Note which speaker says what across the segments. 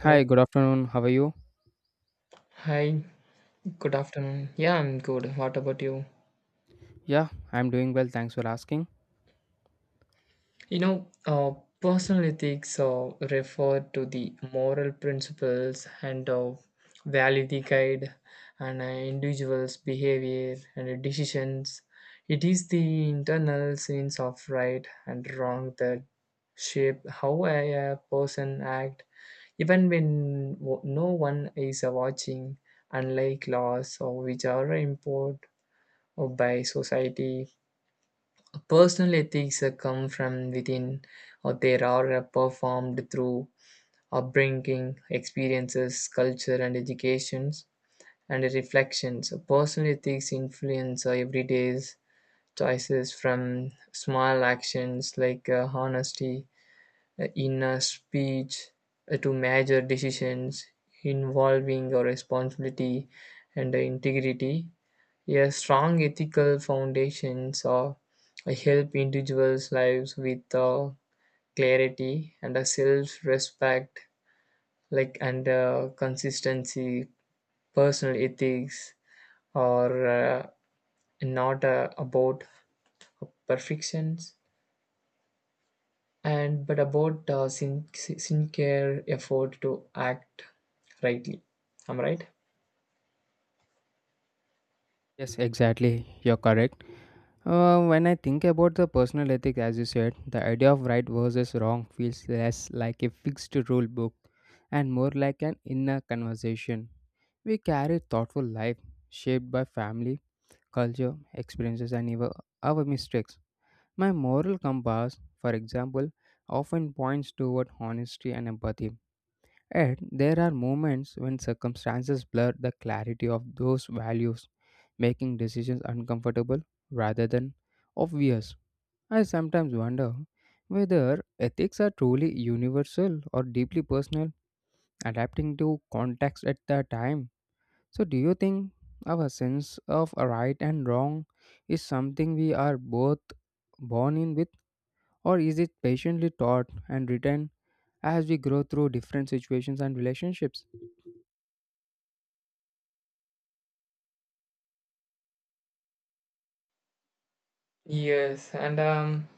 Speaker 1: Hello.
Speaker 2: Hi, good afternoon. How are you?
Speaker 1: Hi. Good afternoon. Yeah, I'm good. What about you?
Speaker 2: Yeah, I'm doing well. Thanks for asking.
Speaker 1: You know, uh, Personal ethics refer to the moral principles and value that guide an individual's behavior and decisions. It is the internal sense of right and wrong that shape how a person act, even when no one is watching. Unlike laws, or which are import or by society. Personal ethics come from within, or they are performed through upbringing, experiences, culture, and educations, and reflections. Personal ethics influence our everyday's choices from small actions like honesty, inner speech, to major decisions involving our responsibility and integrity. Yeah, strong ethical foundations help individuals' lives with clarity and a self-respect, like and consistency. Personal ethics are not about perfections, and but about sincere effort to act rightly. Am I right?
Speaker 2: Yes, exactly. You're correct. When I think about the personal ethic, as you said, the idea of right versus wrong feels less like a fixed rule book and more like an inner conversation. We carry thoughtful life shaped by family, culture, experiences, and even our mistakes. My moral compass, for example, often points toward honesty and empathy. Yet, there are moments when circumstances blur the clarity of those values, making decisions uncomfortable rather than obvious. I sometimes wonder whether ethics are truly universal or deeply personal, adapting to context at the time. So, do you think our sense of right and wrong is something we are both born in with, or is it patiently taught and retained as we grow through different situations and relationships?
Speaker 1: Yes,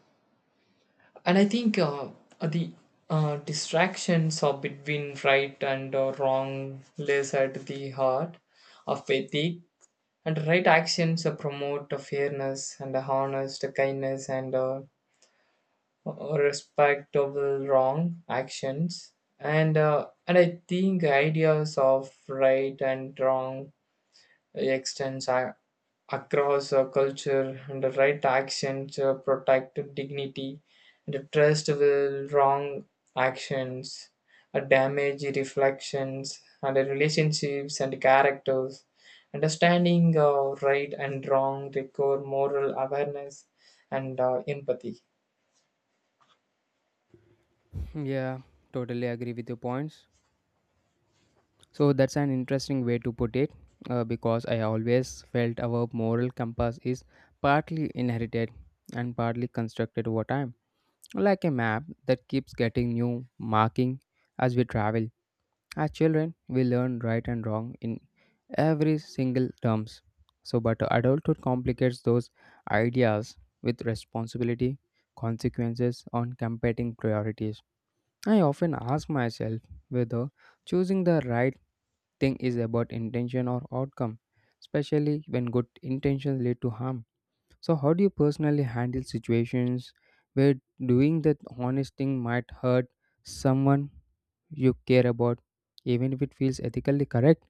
Speaker 1: and I think the distractions of between right and wrong lays at the heart of ethic, and right actions promote fairness and honest kindness and respectable wrong actions and I think ideas of right and wrong extends across a culture, and the right actions protect dignity and the trust. Will wrong actions a damage reflections and the relationships and characters. Understanding right and wrong require moral awareness and empathy.
Speaker 2: Yeah, totally agree with your points. So that's an interesting way to put it, because I always felt our moral compass is partly inherited and partly constructed over time, like a map that keeps getting new marking as we travel. As children, we learn right and wrong in every single terms. So, but adulthood complicates those ideas with responsibility, consequences on competing priorities. I often ask myself whether choosing the right thing is about intention or outcome, especially when good intentions lead to harm. So, how do you personally handle situations where doing that honest thing might hurt someone you care about, even if it feels ethically correct?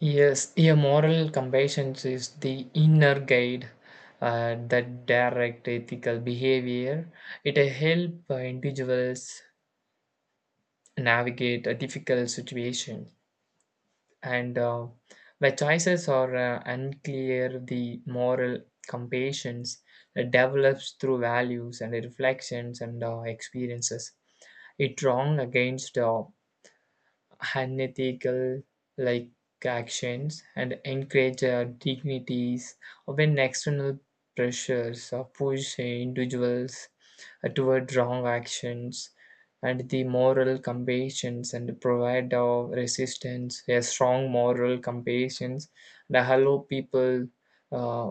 Speaker 1: Yes, a moral compassion is the inner guide that direct ethical behavior. It helps individuals navigate a difficult situation, and where choices are unclear, the moral compassion develops through values and reflections and experiences. It wrong against unethical like actions and encourage dignities, or when external pressures push individuals toward wrong actions, and the moral compassion and provide our resistance. A strong moral compassion that allow people uh,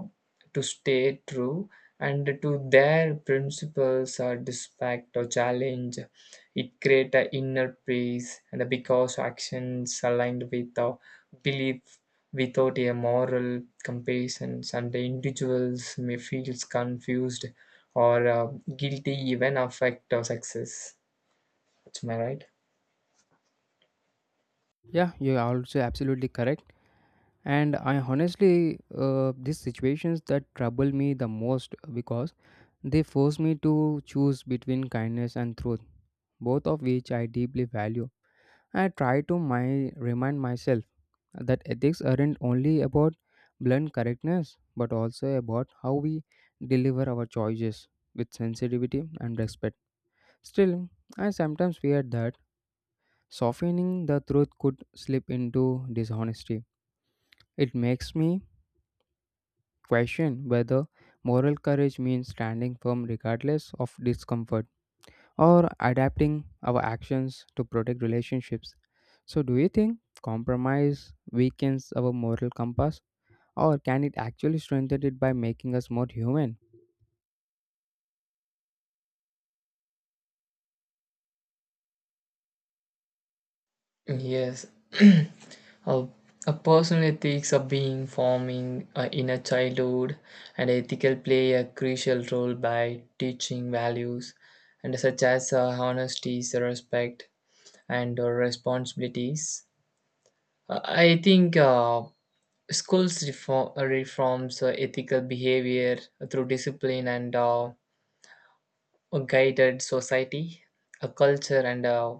Speaker 1: to stay true and to their principles or despite or challenge. It create an inner peace and because actions aligned with our belief. Without a moral compassion and the individuals may feel confused or guilty, even affect our success. Am my right?
Speaker 2: Yeah, you're also absolutely correct. And I honestly, these situations that trouble me the most because they force me to choose between kindness and truth, both of which I deeply value. I try to my, remind myself that ethics aren't only about blunt correctness but also about how we deliver our choices with sensitivity and respect. Still, I sometimes fear that softening the truth could slip into dishonesty. It makes me question whether moral courage means standing firm regardless of discomfort, or adapting our actions to protect relationships. So, do you think compromise weakens our moral compass, or can it actually strengthen it by making us more human?
Speaker 1: Yes. a, a personal ethics are being forming in a childhood, and ethical play a crucial role by teaching values and such as honesty, respect, and responsibilities. I think schools reforms ethical behavior through discipline and a guided society, a culture, and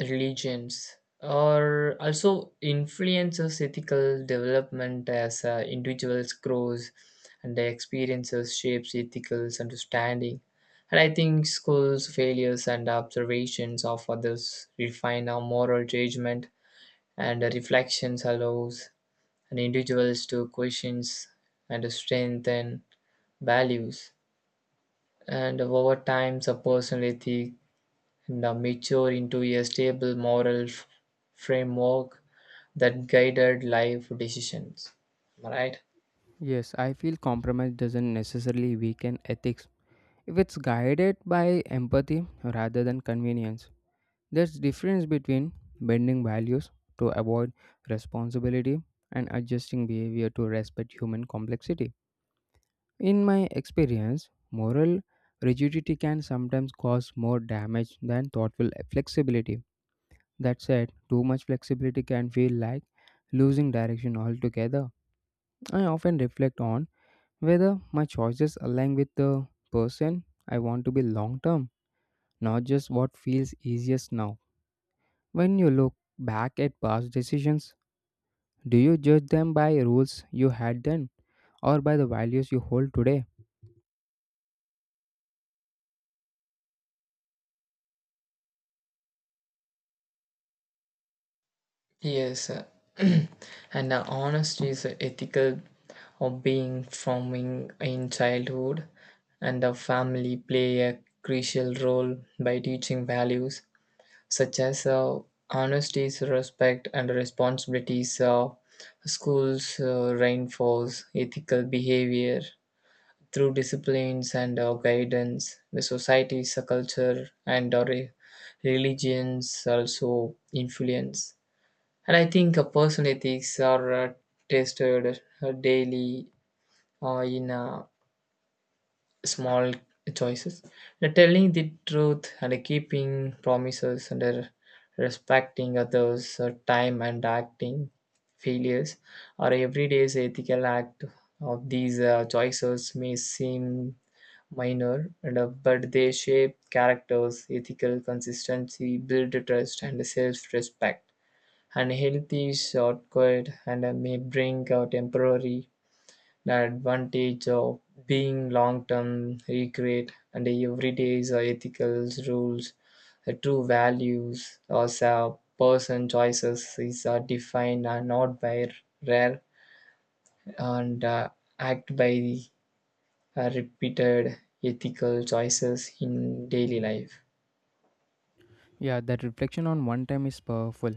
Speaker 1: religions or also influences ethical development as individuals grows, and their experiences shapes ethical understanding. And I think schools failures and observations of others refine our moral judgment, and the reflections allows and individuals to questions and to strengthen values. And over time a personal ethic and mature into a stable moral framework that guided life decisions. Right?
Speaker 2: Yes, I feel compromise doesn't necessarily weaken ethics if it's guided by empathy rather than convenience. There's difference between bending values to avoid responsibility and adjusting behavior to respect human complexity. In my experience, moral rigidity can sometimes cause more damage than thoughtful flexibility. That said, too much flexibility can feel like losing direction altogether. I often reflect on whether my choices align with the person I want to be long term, not just what feels easiest now. When you look back at past decisions, do you judge them by rules you had then, or by the values you hold today?
Speaker 1: Yes. And Honesty is a ethical of being forming in childhood, and the family play a crucial role by teaching values such as honesty, respect, and responsibilities. Schools reinforce ethical behavior through disciplines and our guidance, the societies, the culture, and our religions also influence. And I think personal ethics are tested daily in small choices. The telling the truth, and keeping promises, and respecting others' time, and acting failures are everyday's ethical act. Of these choices may seem minor, and but they shape characters, ethical consistency, build trust, and self respect. And healthy shortcut and may bring a temporary advantage of being long term regret, and every day is ethical rules, true values, as a person choices is defined not by rare and act by repeated ethical choices in daily life.
Speaker 2: Yeah, that reflection on one time is powerful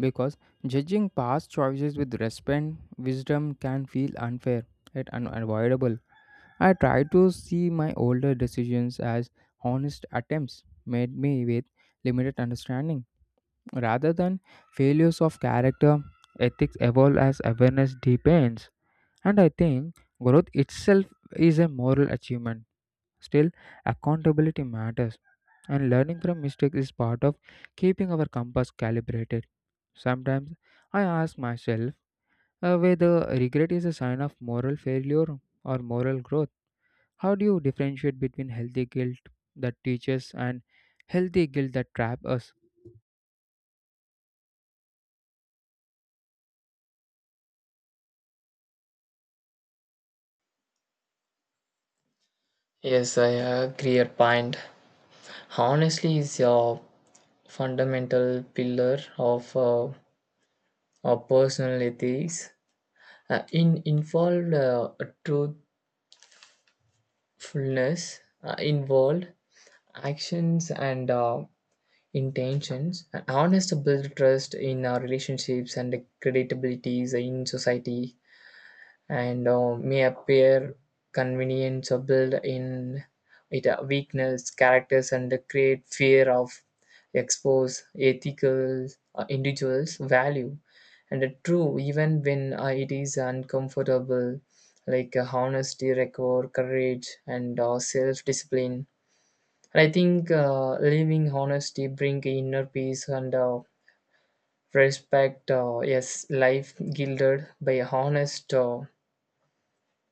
Speaker 2: because judging past choices with respect, wisdom can feel unfair yet unavoidable. I try to see my older decisions as honest attempts made me with limited understanding, rather than failures of character. Ethics evolve as awareness deepens, and I think growth itself is a moral achievement. Still, accountability matters, and learning from mistakes is part of keeping our compass calibrated. Sometimes I ask myself whether regret is a sign of moral failure or moral growth. How do you differentiate between healthy guilt that teaches and healthy guilt that traps us?
Speaker 1: Yes, I agree your point. Honestly is a fundamental pillar of our personal ethics. In involved truthfulness, involved actions and intentions. And honest build trust in our relationships and credibilities in society, and may appear convenient or build in it a weakness characters and create fear of expose ethical individuals value and true even when it is uncomfortable. Like honesty require courage and self-discipline, and I think living honesty bring inner peace and respect. Yes, life gilded by honest, uh,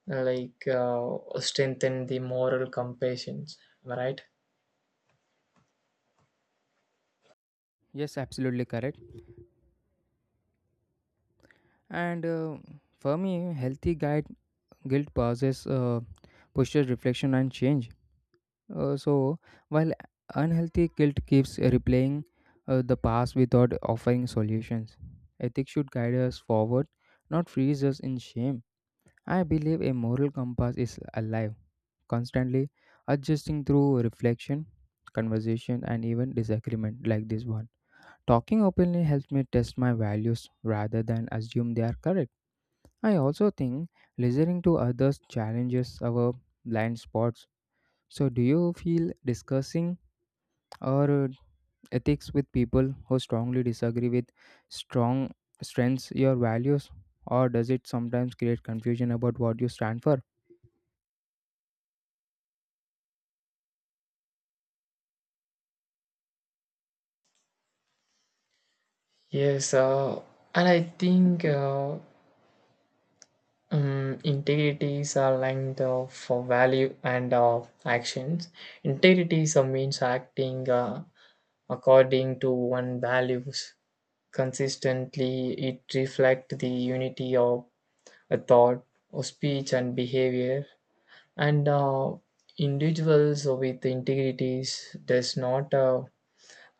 Speaker 1: like uh, strengthen the moral compassions. Am I right?
Speaker 2: Yes, absolutely correct. And for me, healthy guide, guilt pauses, pushes reflection and change. So, while unhealthy guilt keeps replaying the past without offering solutions, ethics should guide us forward, not freeze us in shame. I believe a moral compass is alive, constantly adjusting through reflection, conversation, and even disagreement like this one. Talking openly helps me test my values rather than assume they are correct. I also think listening to others challenges our blind spots. So, do you feel discussing our ethics with people who strongly disagree with strong strengths, your values, or does it sometimes create confusion about what you stand for?
Speaker 1: yes uh, and I think integrity is aligned for value and actions. Integrity is, means acting according to one values consistently. It reflects the unity of a thought or speech and behavior, and individuals with integrities does not uh,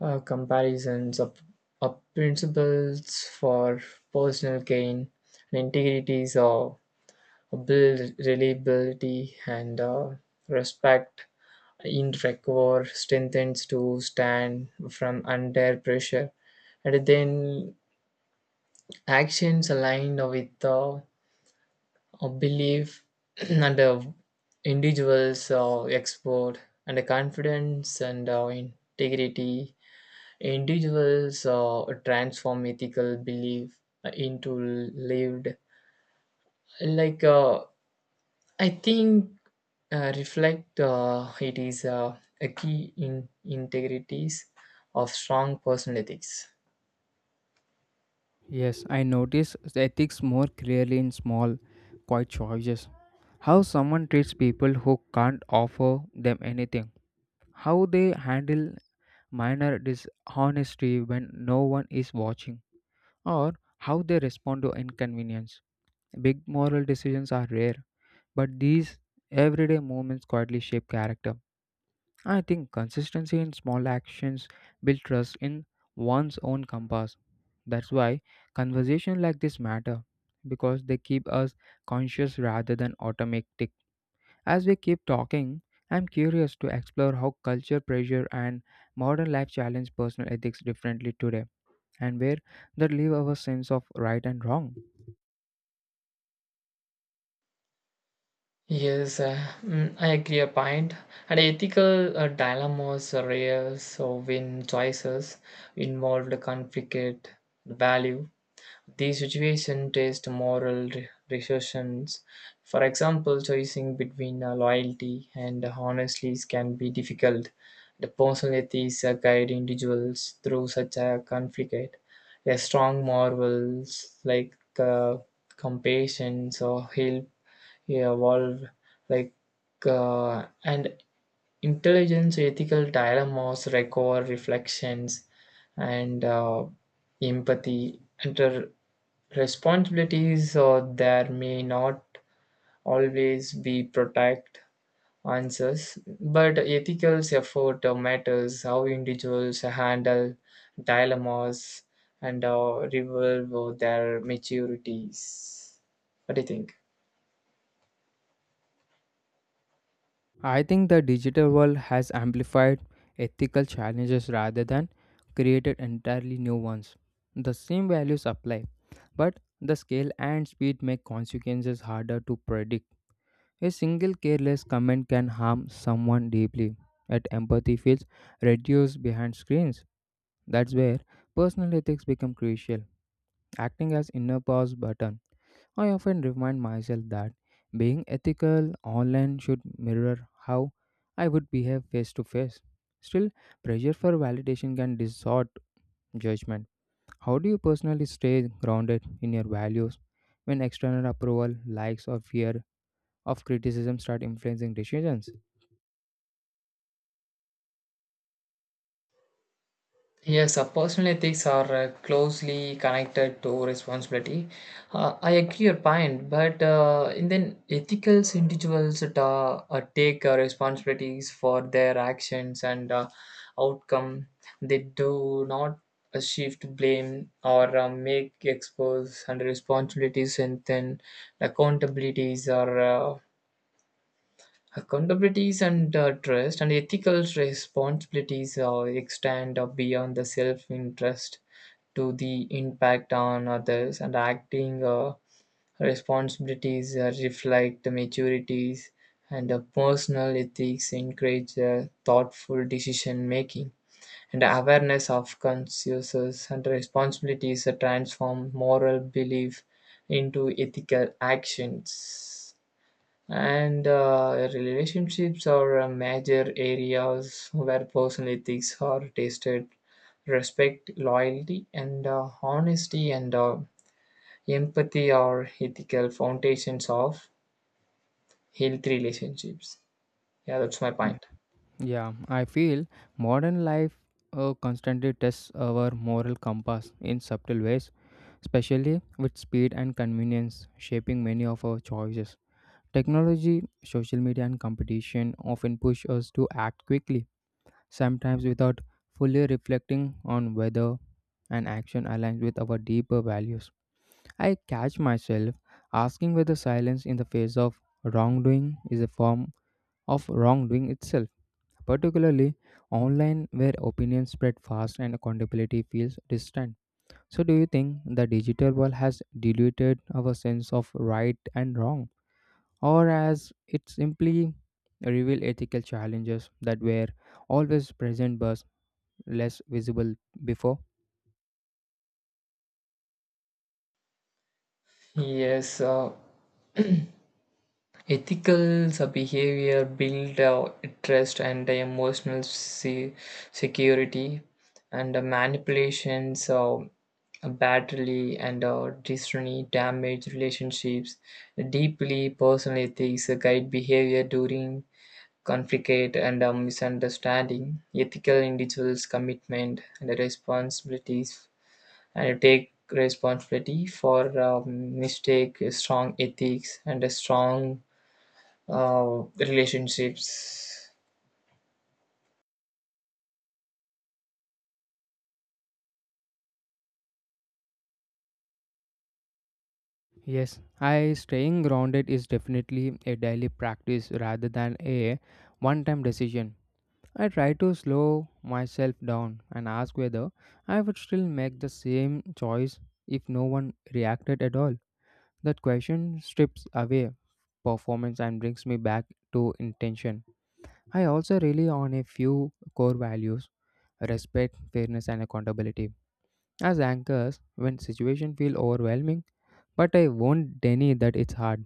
Speaker 1: uh, comparisons of principles for personal gain, and integrities of build reliability and respect in record strengthens to stand from under pressure. And then actions aligned with a belief and individuals export and confidence and integrity. Individuals transform ethical belief into lived like. I think reflect it is a key in integrities of strong personal ethics.
Speaker 2: Yes, I notice the ethics more clearly in small, quiet choices. How someone treats people who can't offer them anything. How they handle minor dishonesty when no one is watching. Or how they respond to inconvenience. Big moral decisions are rare, but these everyday moments quietly shape character. I think consistency in small actions build trust in one's own compass. That's why conversations like this matter because they keep us conscious rather than automatic. As we keep talking, I'm curious to explore how culture pressure and modern life challenge personal ethics differently today and where that leave our sense of right and wrong.
Speaker 1: yes uh, I agree a point. And ethical dilemmas are rare, so when choices involved conflict value. The situation tests moral decisions. For example, choosing between loyalty and honesty can be difficult. The personal ethics guide individuals through such a conflict. A strong morals like compassion or help, yeah, evolve like and intelligence ethical dilemmas record reflections and empathy and the responsibilities, or there may not always be protect answers. But ethical effort matters how individuals handle dilemmas and revolve their maturities. What do you think?
Speaker 2: I think the digital world has amplified ethical challenges rather than created entirely new ones. The same values apply, but the scale and speed make consequences harder to predict. A single careless comment can harm someone deeply, yet empathy feels reduced behind screens. That's where personal ethics become crucial, acting as inner pause button. I often remind myself that being ethical online should mirror how I would behave face to face. Still, pressure for validation can distort judgment. How do you personally stay grounded in your values when external approval, likes, or fear of criticism start influencing decisions?
Speaker 1: Yes, personal ethics are closely connected to responsibility. I agree your point, but in then ethical individuals that take responsibilities for their actions and outcome. They do not shift blame or make expose under responsibilities, and then accountabilities are. Accountabilities and trust and ethical responsibilities extend beyond the self-interest to the impact on others, and acting responsibilities reflect the maturities, and the personal ethics encourage thoughtful decision making and awareness of consciences and responsibilities. Transform moral belief into ethical actions, and relationships are major areas where personal ethics are tested. Respect, loyalty, and honesty, and empathy are ethical foundations of healthy relationships. Yeah, that's my
Speaker 2: Yeah,
Speaker 1: point.
Speaker 2: Yeah, I feel modern life constantly tests our moral compass in subtle ways, especially with speed and convenience shaping many of our choices. Technology, social media, and competition often push us to act quickly, sometimes without fully reflecting on whether an action aligns with our deeper values. I catch myself asking whether silence in the face of wrongdoing is a form of wrongdoing itself, particularly online where opinions spread fast and accountability feels distant. So, do you think the digital world has diluted our sense of right and wrong, or as it simply reveal ethical challenges that were always present but less visible before?
Speaker 1: yes uh, Ethical behavior build trust and emotional security, and manipulations badly and destiny damage relationships. Deeply personal ethics guide behavior during conflict and misunderstanding. Ethical individuals' commitment and responsibilities and take responsibility for mistake, strong ethics, and a strong relationships.
Speaker 2: Yes, I staying grounded is definitely a daily practice rather than a one-time decision. I try to slow myself down and ask whether I would still make the same choice if no one reacted at all. That question strips away performance and brings me back to intention. I also rely on a few core values: respect, fairness, and accountability as anchors when situations feel overwhelming. But I won't deny that it's hard,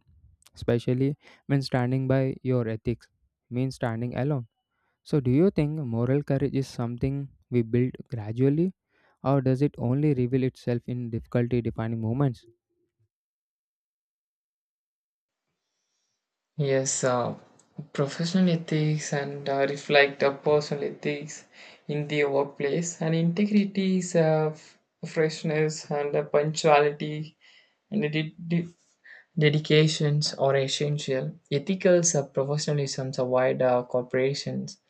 Speaker 2: especially when standing by your ethics means standing alone. So, do you think moral courage is something we build gradually, or does it only reveal itself in difficulty defining moments?
Speaker 1: Yes, professional ethics and reflect personal ethics in the workplace. And integrity is freshness and punctuality and dedications are essential. Ethicals are professionalisms are wide corporations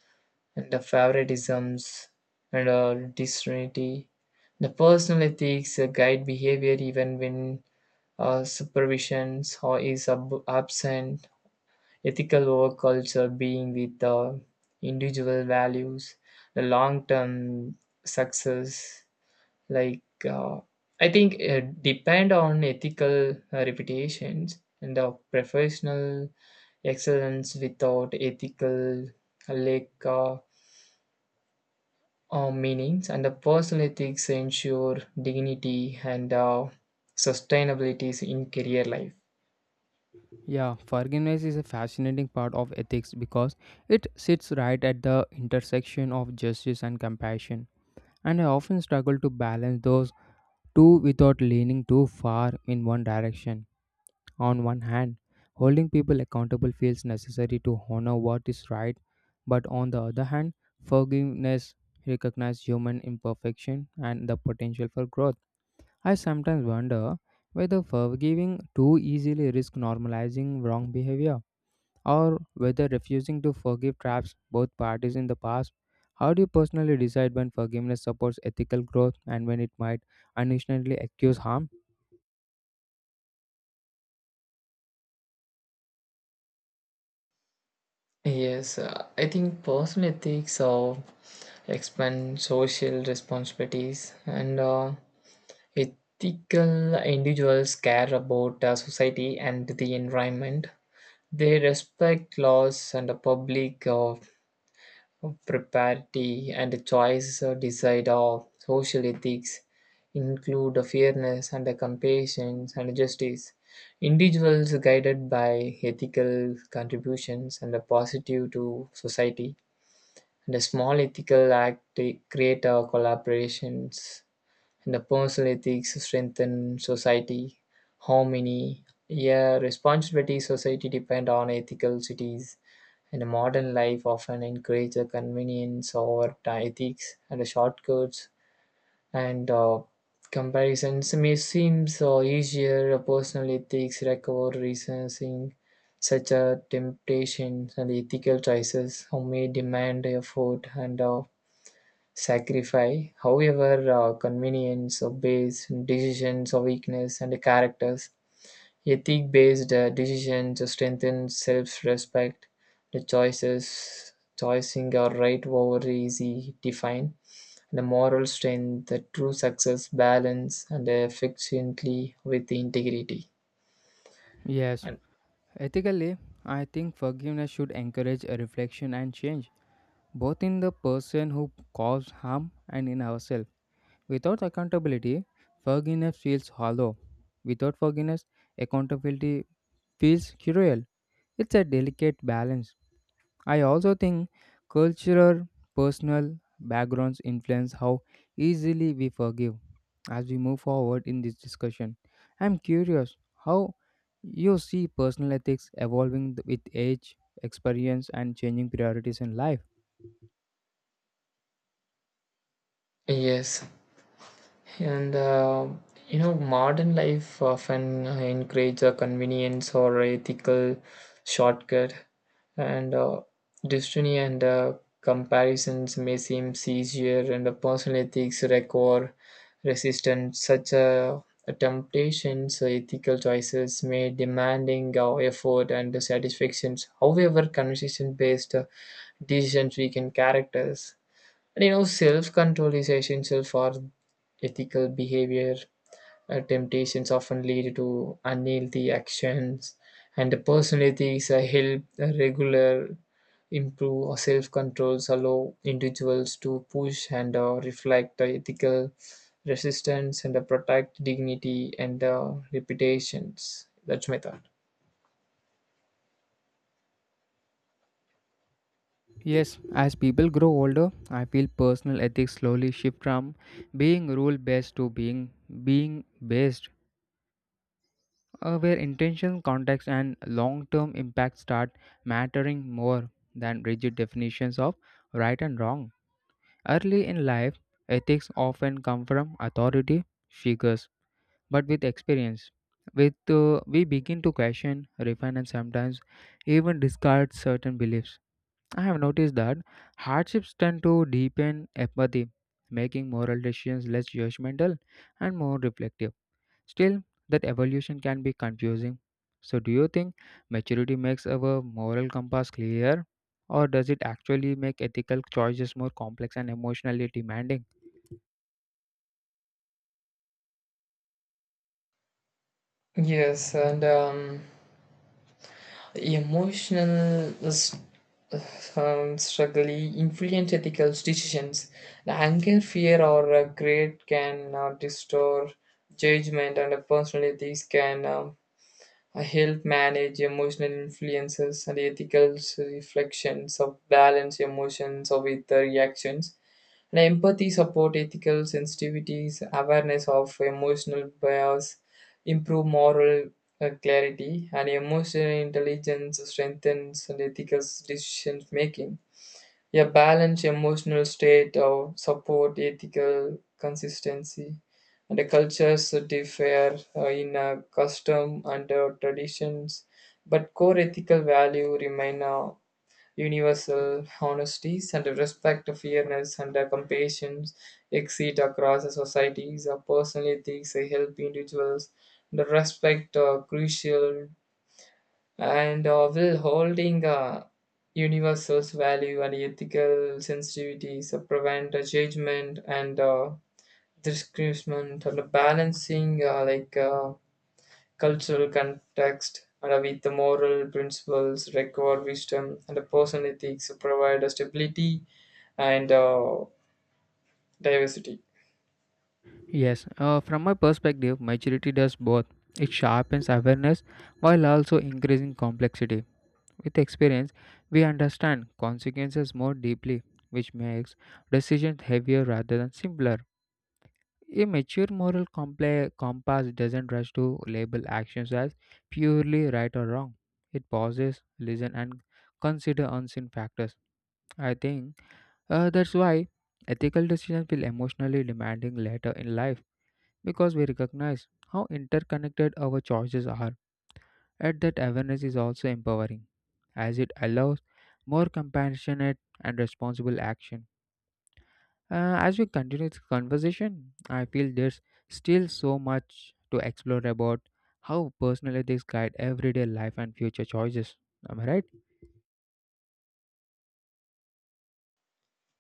Speaker 1: and the favoritisms and disunity. The personal ethics guide behavior even when supervision is absent. Ethical work culture being with individual values, the long term success. Like uh, I think depend on ethical reputations and the professional excellence without ethical like meanings, and the personal ethics ensure dignity and sustainability in career life.
Speaker 2: Yeah, forgiveness is a fascinating part of ethics because it sits right at the intersection of justice and compassion, and I often struggle to balance those two without leaning too far in one direction. On one hand, holding people accountable feels necessary to honor what is right, but on the other hand, forgiveness recognizes human imperfection and the potential for growth. I sometimes wonder whether forgiving too easily risks normalizing wrong behavior or whether refusing to forgive traps both parties in the past. How do you personally decide when forgiveness supports ethical growth and when it might unintentionally accuse harm?
Speaker 1: Yes, I think personal ethics expand social responsibilities, and ethical individuals care about society and the environment. They respect laws and the public propriety, and the choice decide of social ethics include the fairness and the compassion and justice. Individuals guided by ethical contributions and the positive to society, and a small ethical act to create our collaborations, and the personal ethics strengthen society harmony. Yeah, responsibility society depend on ethical cities, and a modern life often encourage a convenience over the ethics and the shortcuts, and comparisons may seem so easier. Personal ethics record reasoning such a temptation, and ethical choices who may demand effort and sacrifice. However, convenience of based decisions of weakness and the characters. Ethic based decisions to strengthen self respect. The choices, Choosing or right over easy define. The moral strength, the true success, balance, and efficiently with integrity.
Speaker 2: Yes,
Speaker 1: And
Speaker 2: ethically, I think forgiveness should encourage a reflection and change, both in the person who caused harm and in ourselves. Without accountability, forgiveness feels hollow. Without forgiveness, accountability feels cruel. It's a delicate balance. I also think cultural, personal backgrounds influence how easily we forgive. As we move forward in this discussion, I'm curious how you see personal ethics evolving with age, experience, and changing priorities in life.
Speaker 1: yes, and modern life often encourages a convenience or ethical shortcut, and destiny and comparisons may seem easier, and the personal ethics require resistance. Such temptations, ethical choices may demanding our effort and satisfactions. However, conversation-based decisions weaken characters, and you know, self control is essential for ethical behavior. Temptations often lead to unhealthy actions, and the personal ethics help regular improve, or self controls allow individuals to push and reflect the ethical resistance and protect dignity and reputations. That's my thought.
Speaker 2: Yes, as people grow older, I feel personal ethics slowly shift from being rule based to being based, where intention, context, and long term impact start mattering more than rigid definitions of right and wrong. Early in life, ethics often come from authority figures, but with experience, with we begin to question, refine, and sometimes even discard certain beliefs. I have noticed that hardships tend to deepen empathy, making moral decisions less judgmental and more reflective. Still, that evolution can be confusing. So, do you think maturity makes our moral compass clearer, or does it actually make ethical choices more complex and emotionally demanding?
Speaker 1: Yes, and E Emotional s- struggle influence ethical decisions. The anger, fear, or greed can distort judgment, and personal ethics can help manage emotional influences, and ethical reflections of balance emotions or with the reactions. Now, empathy support ethical sensitivities, awareness of emotional bias, improve moral clarity, and emotional intelligence strengthens and ethical decision making. A balanced emotional state of support ethical consistency, and the cultures differ in custom and traditions, but core ethical value remain universal. Honesty and respect, fairness, and compassion exist across societies. Personal ethics help individuals to respect crucial and will holding universal value, and ethical sensitivities prevent judgment and discrimination and balancing like cultural context and with the moral principles, record wisdom, and the personal ethics provide a stability and diversity.
Speaker 2: Yes, from my perspective, maturity does both. It sharpens awareness while also increasing complexity. With experience, we understand consequences more deeply, which makes decisions heavier rather than simpler. A mature moral compass doesn't rush to label actions as purely right or wrong. It pauses, listens, and considers unseen factors. I think that's why ethical decisions feel emotionally demanding later in life because we recognize how interconnected our choices are. Yet that awareness is also empowering, as it allows more compassionate and responsible action. As we continue this conversation, I feel there's still so much to explore about how personal ethics guide everyday life and future choices. Am I right?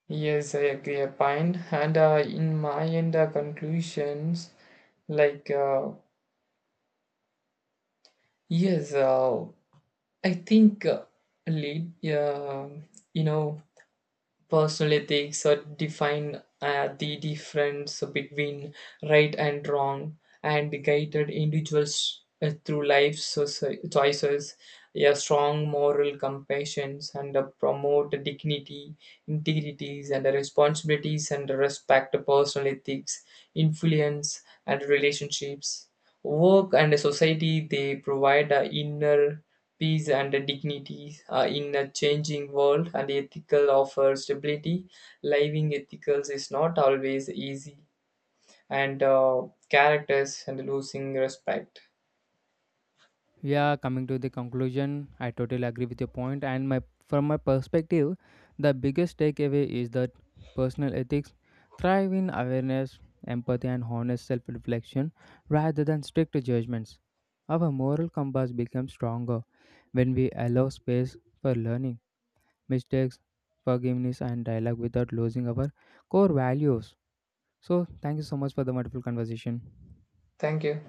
Speaker 1: Yes, I agree. A point. And in my end conclusions, like uh, yes, I think lead, uh, you know, personal ethics define the difference between right and wrong, and guided individuals through life's choices. A strong moral compassion and promote dignity, integrities, and responsibilities, and respect. Personal ethics influence and relationships, work, and society. They provide a inner peace and dignity in a changing world, and ethical offer stability. Living ethicals is not always easy, and characters and losing respect.
Speaker 2: Yeah, coming to the conclusion, I totally agree with your point. And my from my perspective, the biggest takeaway is that personal ethics thrive in awareness, empathy, and honest self-reflection rather than strict judgments. Our moral compass becomes stronger when we allow space for learning, mistakes, forgiveness, and dialogue without losing our core values. So, thank you so much for the wonderful conversation.
Speaker 1: Thank you.